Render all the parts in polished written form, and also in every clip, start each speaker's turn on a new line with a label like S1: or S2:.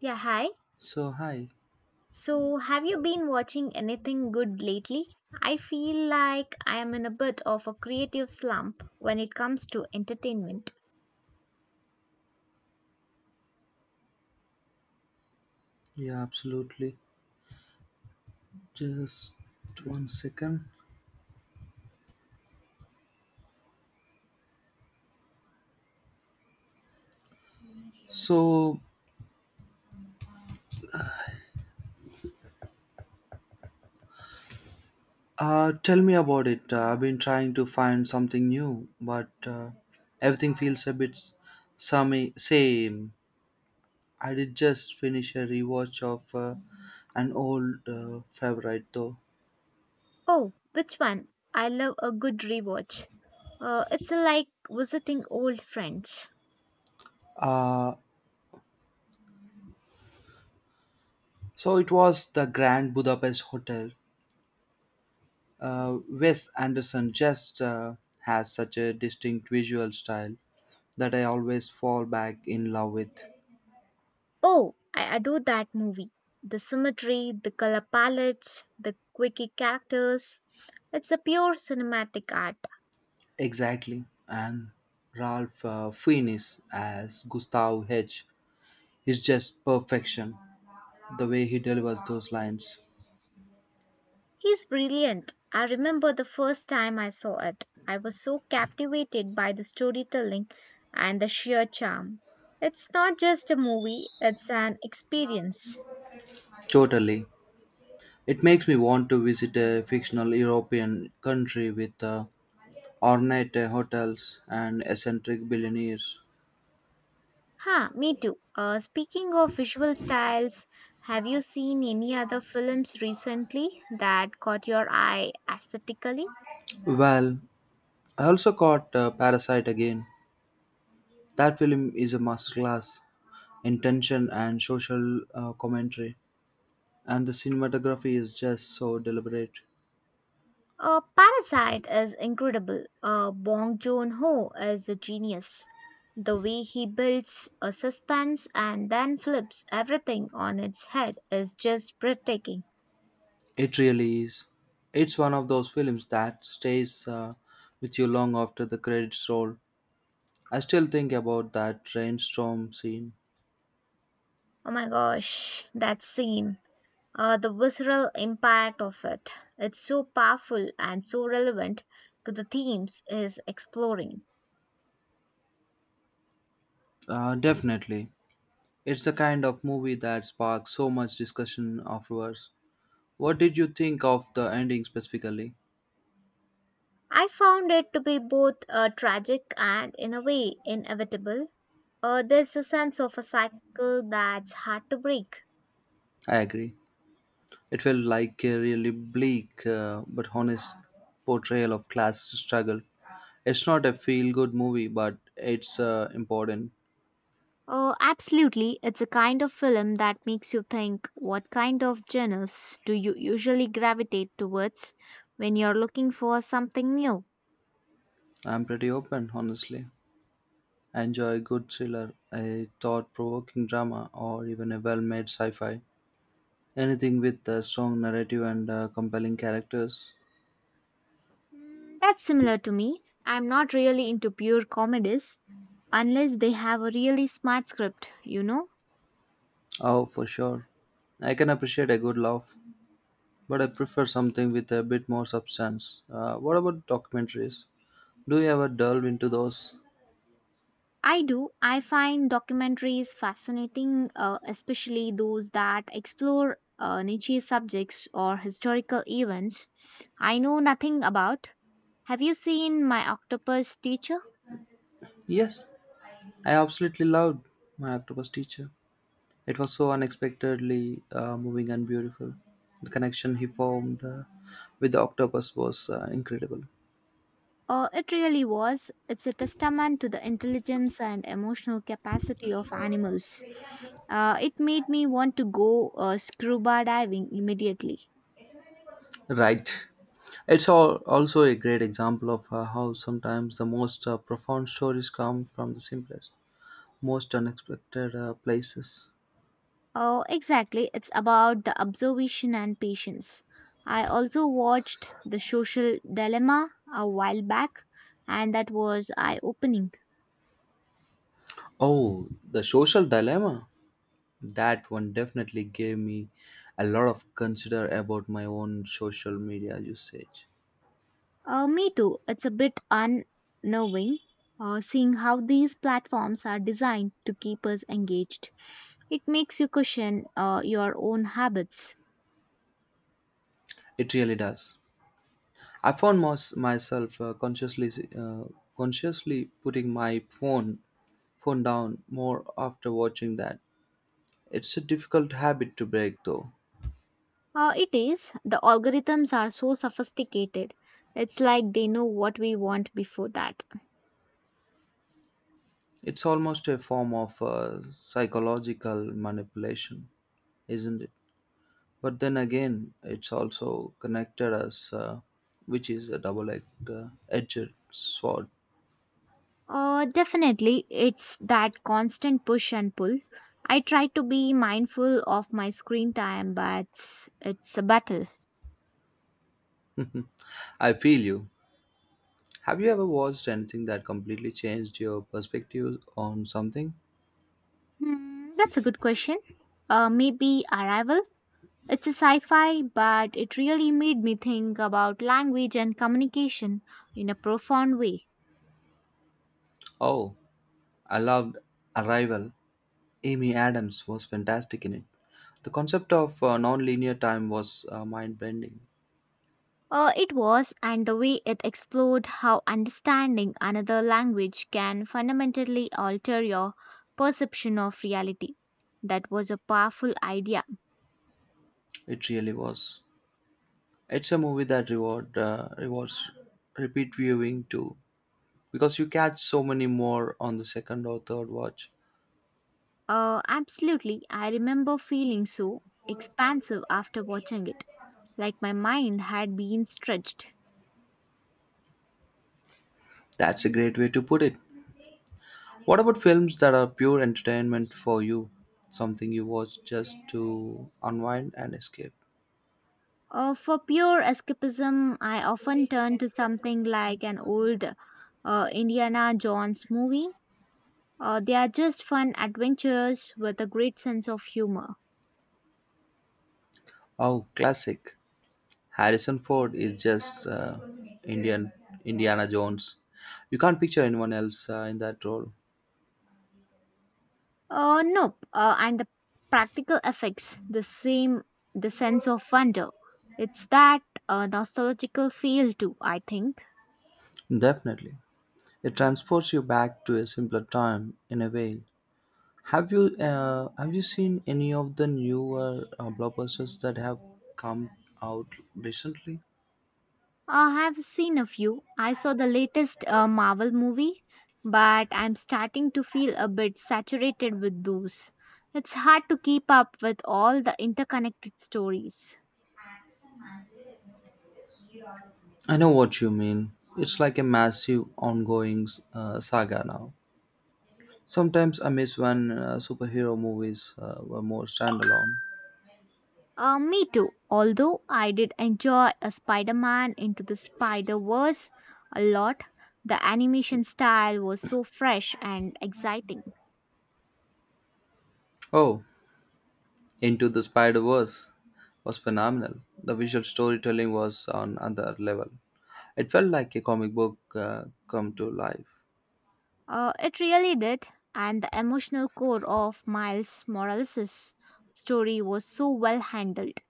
S1: Yeah, hi.
S2: So hi,
S1: So, have you been watching anything good lately? I feel like I am in a bit of a creative slump when it comes to entertainment.
S2: yeah, absolutely. Just 1 second. So, tell me about it. I've been trying to find something new, but everything feels a bit same. Same. I did just finish a rewatch of an old favorite, though.
S1: Oh, which one? I love a good rewatch. It's like visiting old friends.
S2: Uh, so it was the Grand Budapest Hotel. Wes Anderson just has such a distinct visual style that I always fall back in love with.
S1: Oh, I adore that movie. The symmetry, the color palettes, the quirky characters. It's a pure cinematic art.
S2: Exactly. And Ralph Fiennes as Gustav H is just perfection. The way he delivers those lines.
S1: He's brilliant. I remember the first time I saw it. I was so captivated by the storytelling and the sheer charm. It's not just a movie, it's an experience.
S2: Totally. It makes me want to visit a fictional European country with ornate hotels and eccentric billionaires.
S1: Huh, me too. Speaking of visual styles, have you seen any other films recently that caught your eye aesthetically?
S2: Well, I also caught Parasite again. That film is a masterclass in tension and social commentary, and the cinematography is just so deliberate.
S1: Parasite is incredible. Bong Joon-ho is a genius. The way he builds a suspense and then flips everything on its head is just breathtaking.
S2: It really is. It's one of those films that stays with you long after the credits roll. I still think about that rainstorm scene.
S1: Oh my gosh, that scene. The visceral impact of it. It's so powerful and so relevant to the themes Is exploring.
S2: Definitely. It's the kind of movie that sparks so much discussion afterwards. What did you think of the ending specifically?
S1: I found it to be both tragic and, in a way, inevitable. There's a sense of a cycle that's hard to break.
S2: I agree. It felt like a really bleak but honest portrayal of class struggle. It's not a feel good movie, but it's important.
S1: Oh, absolutely. It's a kind of film that makes you think what kind of genres do you usually gravitate towards when you're looking for something new?
S2: I'm pretty open, honestly. I enjoy a good thriller, a thought provoking drama, or even a well made sci fi. Anything with a strong narrative and compelling characters.
S1: Mm, that's similar to me. I'm not really into pure comedies unless they have a really smart script, you know?
S2: Oh, for sure. I can appreciate a good laugh, but I prefer something with a bit more substance. What about documentaries? Do you ever delve into those?
S1: I do. I find documentaries fascinating, especially those that explore niche subjects or historical events I know nothing about. Have you seen My Octopus Teacher?
S2: Yes, I absolutely loved my octopus teacher. It was so unexpectedly moving and beautiful. The connection he formed with the octopus was incredible.
S1: It really was. It's a testament to the intelligence and emotional capacity of animals. It made me want to go scuba diving immediately.
S2: Right. It's all also a great example of how sometimes the most profound stories come from the simplest, most unexpected places.
S1: Oh, exactly. It's about the observation and patience. I also watched The Social Dilemma a while back, and that was eye opening.
S2: Oh, the social dilemma. That one definitely gave me a lot of consider about my own social media usage.
S1: Me too. It's a bit unnerving seeing how these platforms are designed to keep us engaged. It makes you question your own habits.
S2: It really does. I found myself consciously putting my phone down more after watching that. It's a difficult habit to break, though.
S1: It is. The algorithms are so sophisticated. It's like they know what we want before that.
S2: It's almost a form of psychological manipulation, isn't it? But then again, it's also connected us, which is a double-edged edged sword.
S1: Definitely, it's that constant push and pull. I try to be mindful of my screen time, but it's a battle.
S2: I feel you. Have you ever watched anything that completely changed your perspective on something?
S1: Hmm, that's a good question. Maybe Arrival? It's a sci fi, but it really made me think about language and communication in a profound way.
S2: Oh, I loved Arrival. Amy Adams was fantastic in it. The concept of non-linear time was mind-bending.
S1: It was, and the way it explored how understanding another language can fundamentally alter your perception of reality. That was a powerful idea.
S2: It really was. It's a movie that rewards repeat viewing too, because you catch so many more on the second or third watch.
S1: Absolutely. I remember feeling so expansive after watching it, like my mind had been stretched.
S2: That's a great way to put it. What about films that are pure entertainment for you? Something you watch just to unwind and escape.
S1: For pure escapism, I often turn to something like an old Indiana Jones movie. They are just fun adventures with a great sense of humor.
S2: Oh, classic. Harrison Ford is just Indian Indiana Jones. You can't picture anyone else in that role.
S1: Nope. And the practical effects, the same, the sense of wonder. It's that nostalgical feel too, I think.
S2: Definitely, it transports you back to a simpler time in a way. Have you seen any of the newer blockbusters that have come out recently?
S1: I've seen a few. I saw the latest Marvel movie, but I'm starting to feel a bit saturated with those. It's hard to keep up with all the interconnected stories.
S2: I know what you mean. It's like a massive ongoing saga now. Sometimes I miss when superhero movies were more standalone.
S1: Me too, although I did enjoy a Spider Man into the Spider Verse a lot. The animation style was so fresh and exciting.
S2: Oh, Into the Spider Verse was phenomenal. The visual storytelling was on another level. It felt like a comic book come to life.
S1: It really did, and the emotional core of Miles Morales' story was so well handled.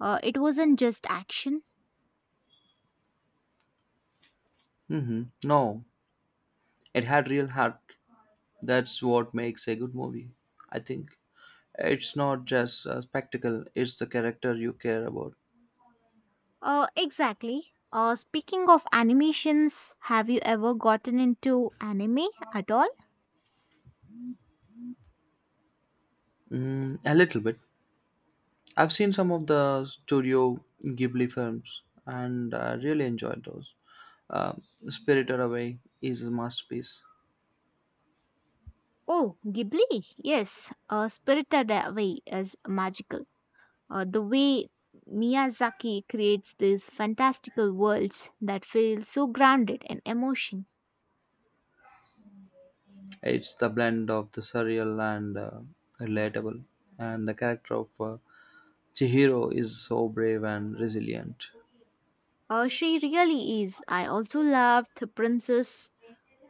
S1: It wasn't just action.
S2: No, it had real heart. That's what makes a good movie, I think. It's not just a spectacle, it's the character you care about.
S1: Exactly. Speaking of animations, have you ever gotten into anime at all?
S2: Mm, a little bit. I've seen some of the Studio Ghibli films and I really enjoyed those. Um Spirited Away is a masterpiece.
S1: Oh, Ghibli, yes. Spirited Away is magical. The way Miyazaki creates these fantastical worlds that feel so grounded in emotion.
S2: It's the blend of the surreal and relatable, and the character of Chihiro is so brave and resilient.
S1: She really is. I also loved the Princess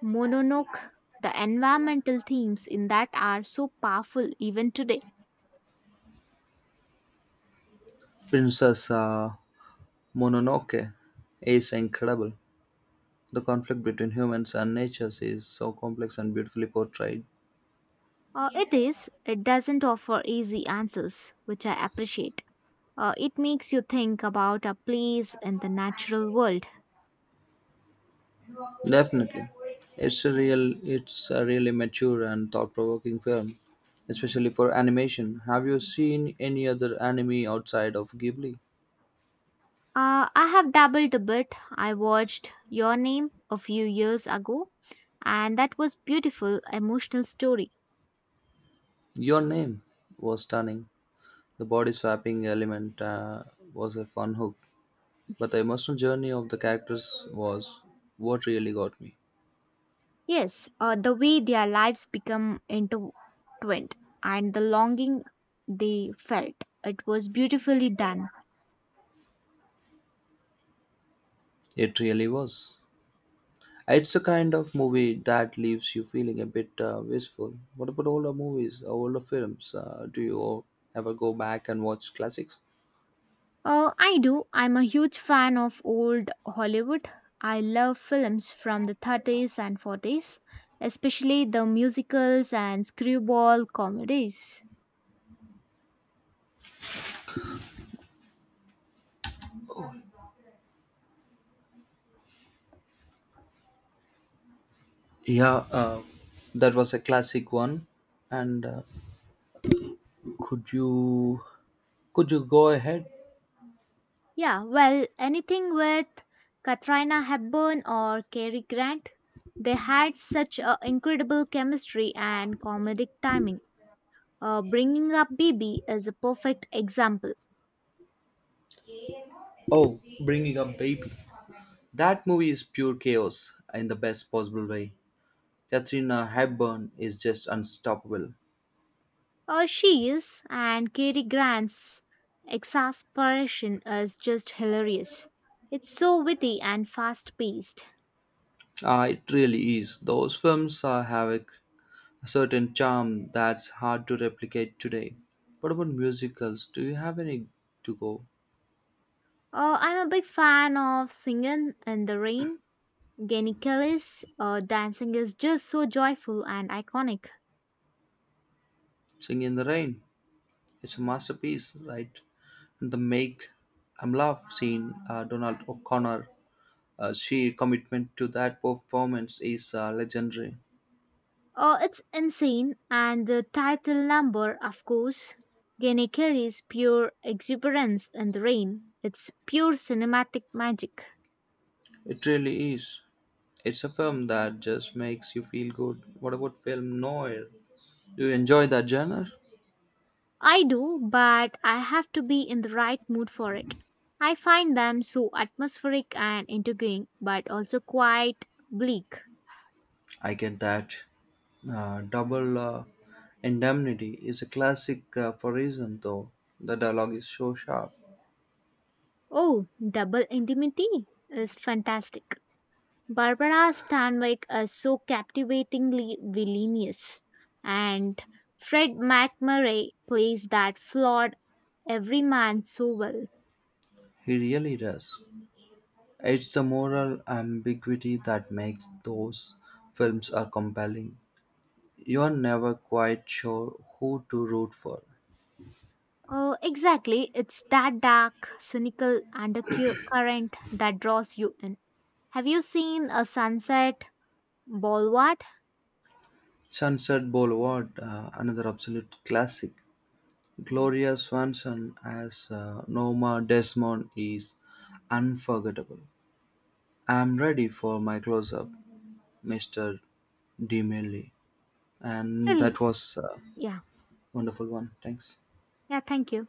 S1: Mononoke. The environmental themes in that are so powerful even today.
S2: Princess Mononoke is incredible. The conflict between humans and nature is so complex and beautifully portrayed.
S1: It is, it doesn't offer easy answers, which I appreciate. It makes you think about a place in the natural world.
S2: Definitely, it's a really mature and thought-provoking film, especially for animation. Have you seen any other anime outside of Ghibli?
S1: I have dabbled a bit. I watched Your Name a few years ago, and that was beautiful, emotional story.
S2: Your name was stunning. The body swapping element was a fun hook, but the emotional journey of the characters was what really got me.
S1: Yes, the way their lives become intertwined and the longing they felt. It was beautifully done.
S2: It really was. It's a kind of movie that leaves you feeling a bit wistful. What about older movies, older films? Do you ever go back and watch classics?
S1: I do. I'm a huge fan of old Hollywood. I love films from the 30s and 40s, especially the musicals and screwball comedies.
S2: Yeah, that was a classic one. And could you could you go ahead.
S1: Yeah, well, anything with Katrina Hepburn or Cary Grant. They had such a incredible chemistry and comedic timing. Bringing up Bibi is a perfect example.
S2: Oh, Bringing Up Baby. That movie is pure chaos in the best possible way. Katrina Hepburn is just unstoppable.
S1: She is, and Cary Grant's exasperation is just hilarious. It's so witty and fast paced.
S2: Ah, it really is. Those films have a certain charm that's hard to replicate today. What about musicals? Do you have any to go?
S1: I'm a big fan of Singing in the Rain. Genie Kelly's dancing is just so joyful and iconic.
S2: Sing in the Rain. It's a masterpiece, right? And the Make I'm Love scene, Donald O'Connor, sheer commitment to that performance is legendary.
S1: It's insane, and the title number, of course, Genie Kelly's pure exuberance in the rain. It's pure cinematic magic.
S2: It really is. It's a film that just makes you feel good. What about film noir? Do you enjoy that genre?
S1: I do, but I have to be in the right mood for it. I find them so atmospheric and intriguing, but also quite bleak.
S2: I get that. Double indemnity is a classic for reason, though. The dialogue is so sharp.
S1: Oh, Double Intimacy is fantastic. Barbara Stanwyck is so captivatingly villainous, and Fred McMurray plays that flawed everyman so well.
S2: He really does. It's the moral ambiguity that makes those films are compelling. You're never quite sure who to root for.
S1: Exactly, it's that dark, cynical undercurrent that draws you in. Have you seen a sunset, Bolward?
S2: Sunset Boulevard, another absolute classic. Gloria Swanson as Norma Desmond is unforgettable. I'm ready for my close-up, Mr. DeMille. And
S1: Well,
S2: that was a
S1: yeah,
S2: wonderful one. Thanks.
S1: yeah, thank you.